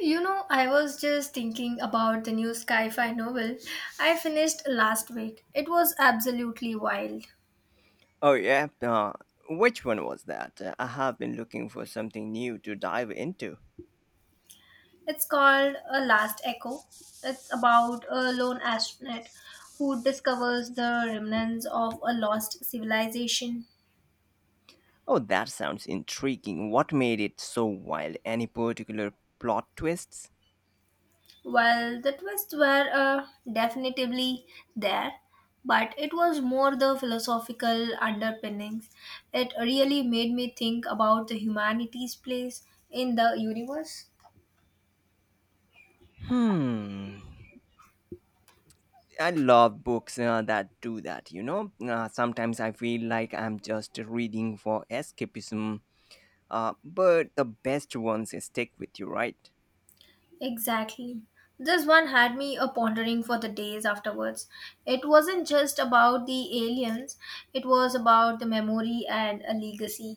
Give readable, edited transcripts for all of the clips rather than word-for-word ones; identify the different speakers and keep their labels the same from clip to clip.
Speaker 1: You know, I was just thinking about the new sci fi novel I finished last week. It was absolutely wild.
Speaker 2: Oh, yeah. Which one was that? I have been looking for something new to dive into.
Speaker 1: It's called A Last Echo. It's about a lone astronaut who discovers the remnants of a lost civilization.
Speaker 2: Oh, that sounds intriguing. What made it so wild? Any particular plot twists?
Speaker 1: Well, the twists were definitively there, but it was more the philosophical underpinnings. It really made me think about the humanity's place in the universe.
Speaker 2: Hmm. I love books that do that. Sometimes I feel like I'm just reading for escapism, but the best ones stick with you, right?
Speaker 1: Exactly. This one had me a pondering for the days afterwards. It wasn't just about the aliens, it was about the memory and a legacy.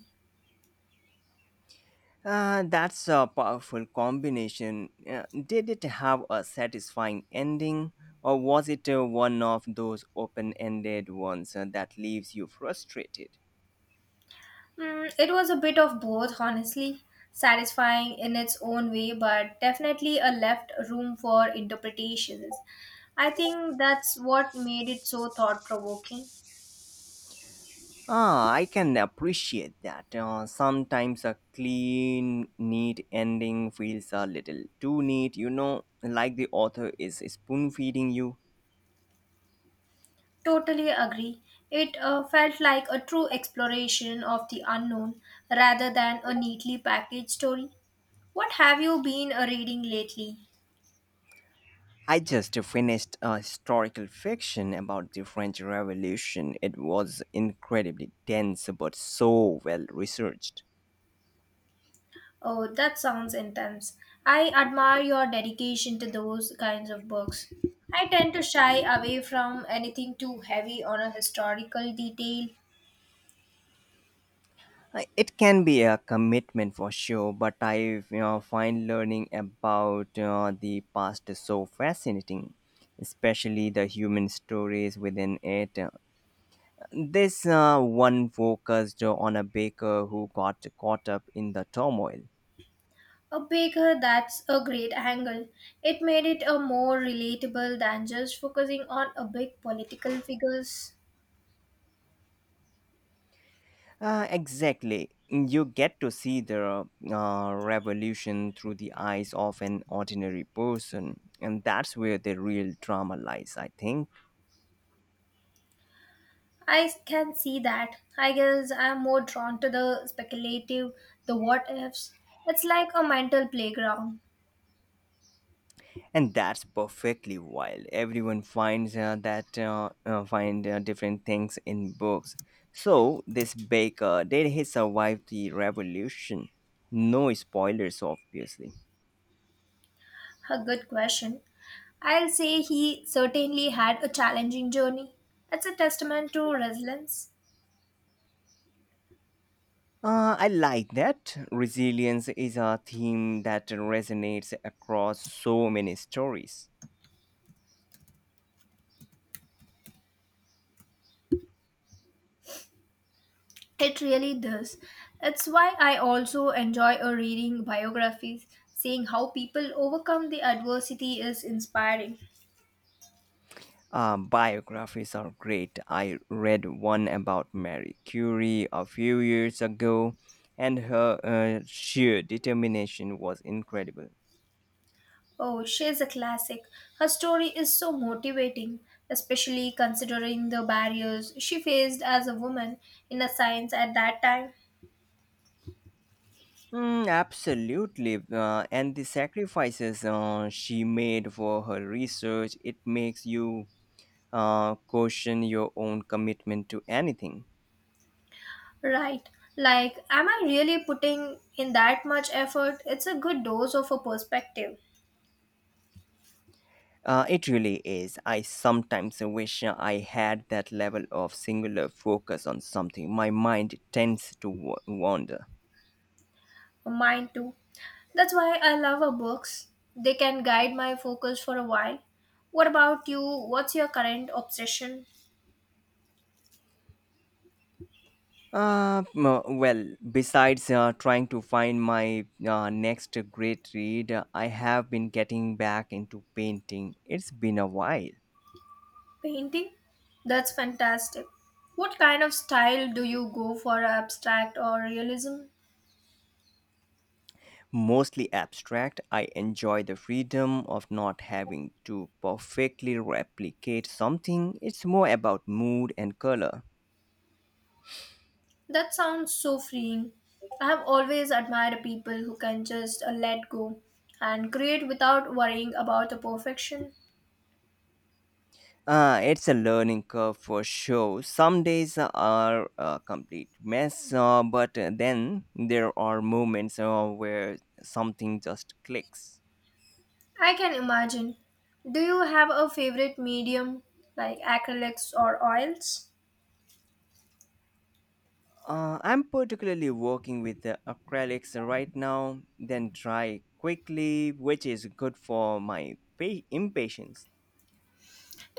Speaker 2: That's a powerful combination. Did it have a satisfying ending, or was it one of those open ended ones that leaves you frustrated?
Speaker 1: Mm, it was a bit of both, honestly. Satisfying in its own way, but definitely a left room for interpretations. I think that's what made it so thought provoking.
Speaker 2: Ah, I can appreciate that. Sometimes a clean, neat ending feels a little too neat, like the author is spoon feeding you.
Speaker 1: Totally agree. It felt like a true exploration of the unknown rather than a neatly packaged story. What have you been reading lately?
Speaker 2: I just finished a historical fiction about the French Revolution. It was incredibly dense but so well researched.
Speaker 1: Oh, that sounds intense. I admire your dedication to those kinds of books. I tend to shy away from anything too heavy on a historical detail.
Speaker 2: It can be a commitment for sure, but I find learning about the past so fascinating, especially the human stories within it. This one focused on a baker who got caught up in the turmoil.
Speaker 1: A baker, that's a great angle. It made it a more relatable than just focusing on a big political figures.
Speaker 2: Exactly. You get to see the revolution through the eyes of an ordinary person, and that's where the real drama lies, I think.
Speaker 1: I can see that. I guess I'm more drawn to the speculative, the what ifs. It's like a mental playground.
Speaker 2: And that's perfectly wild. Everyone finds that find different things in books. So this baker, did he survive the revolution? No spoilers, obviously.
Speaker 1: A good question. I'll say he certainly had a challenging journey. It's a testament to resilience.
Speaker 2: I like that. Resilience is a theme that resonates across so many stories.
Speaker 1: It really does. It's why I also enjoy reading biographies. Seeing how people overcome the adversity is inspiring.
Speaker 2: Biographies are great. I read one about Marie Curie a few years ago, and her sheer determination was incredible.
Speaker 1: Oh, she's a classic. Her story is so motivating, especially considering the barriers she faced as a woman in a science at that time.
Speaker 2: Mm, absolutely. And the sacrifices she made for her research, it makes you question your own commitment to anything.
Speaker 1: Right. Like, am I really putting in that much effort? It's a good dose of a perspective.
Speaker 2: It really is. I sometimes wish I had that level of singular focus on something. My mind tends to wander.
Speaker 1: Mine too. That's why I love our books. They can guide my focus for a while. What about you? What's your current obsession?
Speaker 2: Well, besides trying to find my next great read, I have been getting back into painting. It's been a while.
Speaker 1: Painting? That's fantastic. What kind of style do you go for abstract or realism?
Speaker 2: Mostly abstract, I enjoy the freedom of not having to perfectly replicate something. It's more about mood and color.
Speaker 1: That sounds so freeing. I have always admired people who can just let go and create without worrying about the perfection.
Speaker 2: It's a learning curve for sure. Some days are a complete mess, but then there are moments where something just clicks.
Speaker 1: I can imagine. Do you have a favorite medium like acrylics or oils?
Speaker 2: I'm particularly working with the acrylics right now, then dry quickly, which is good for my impatience.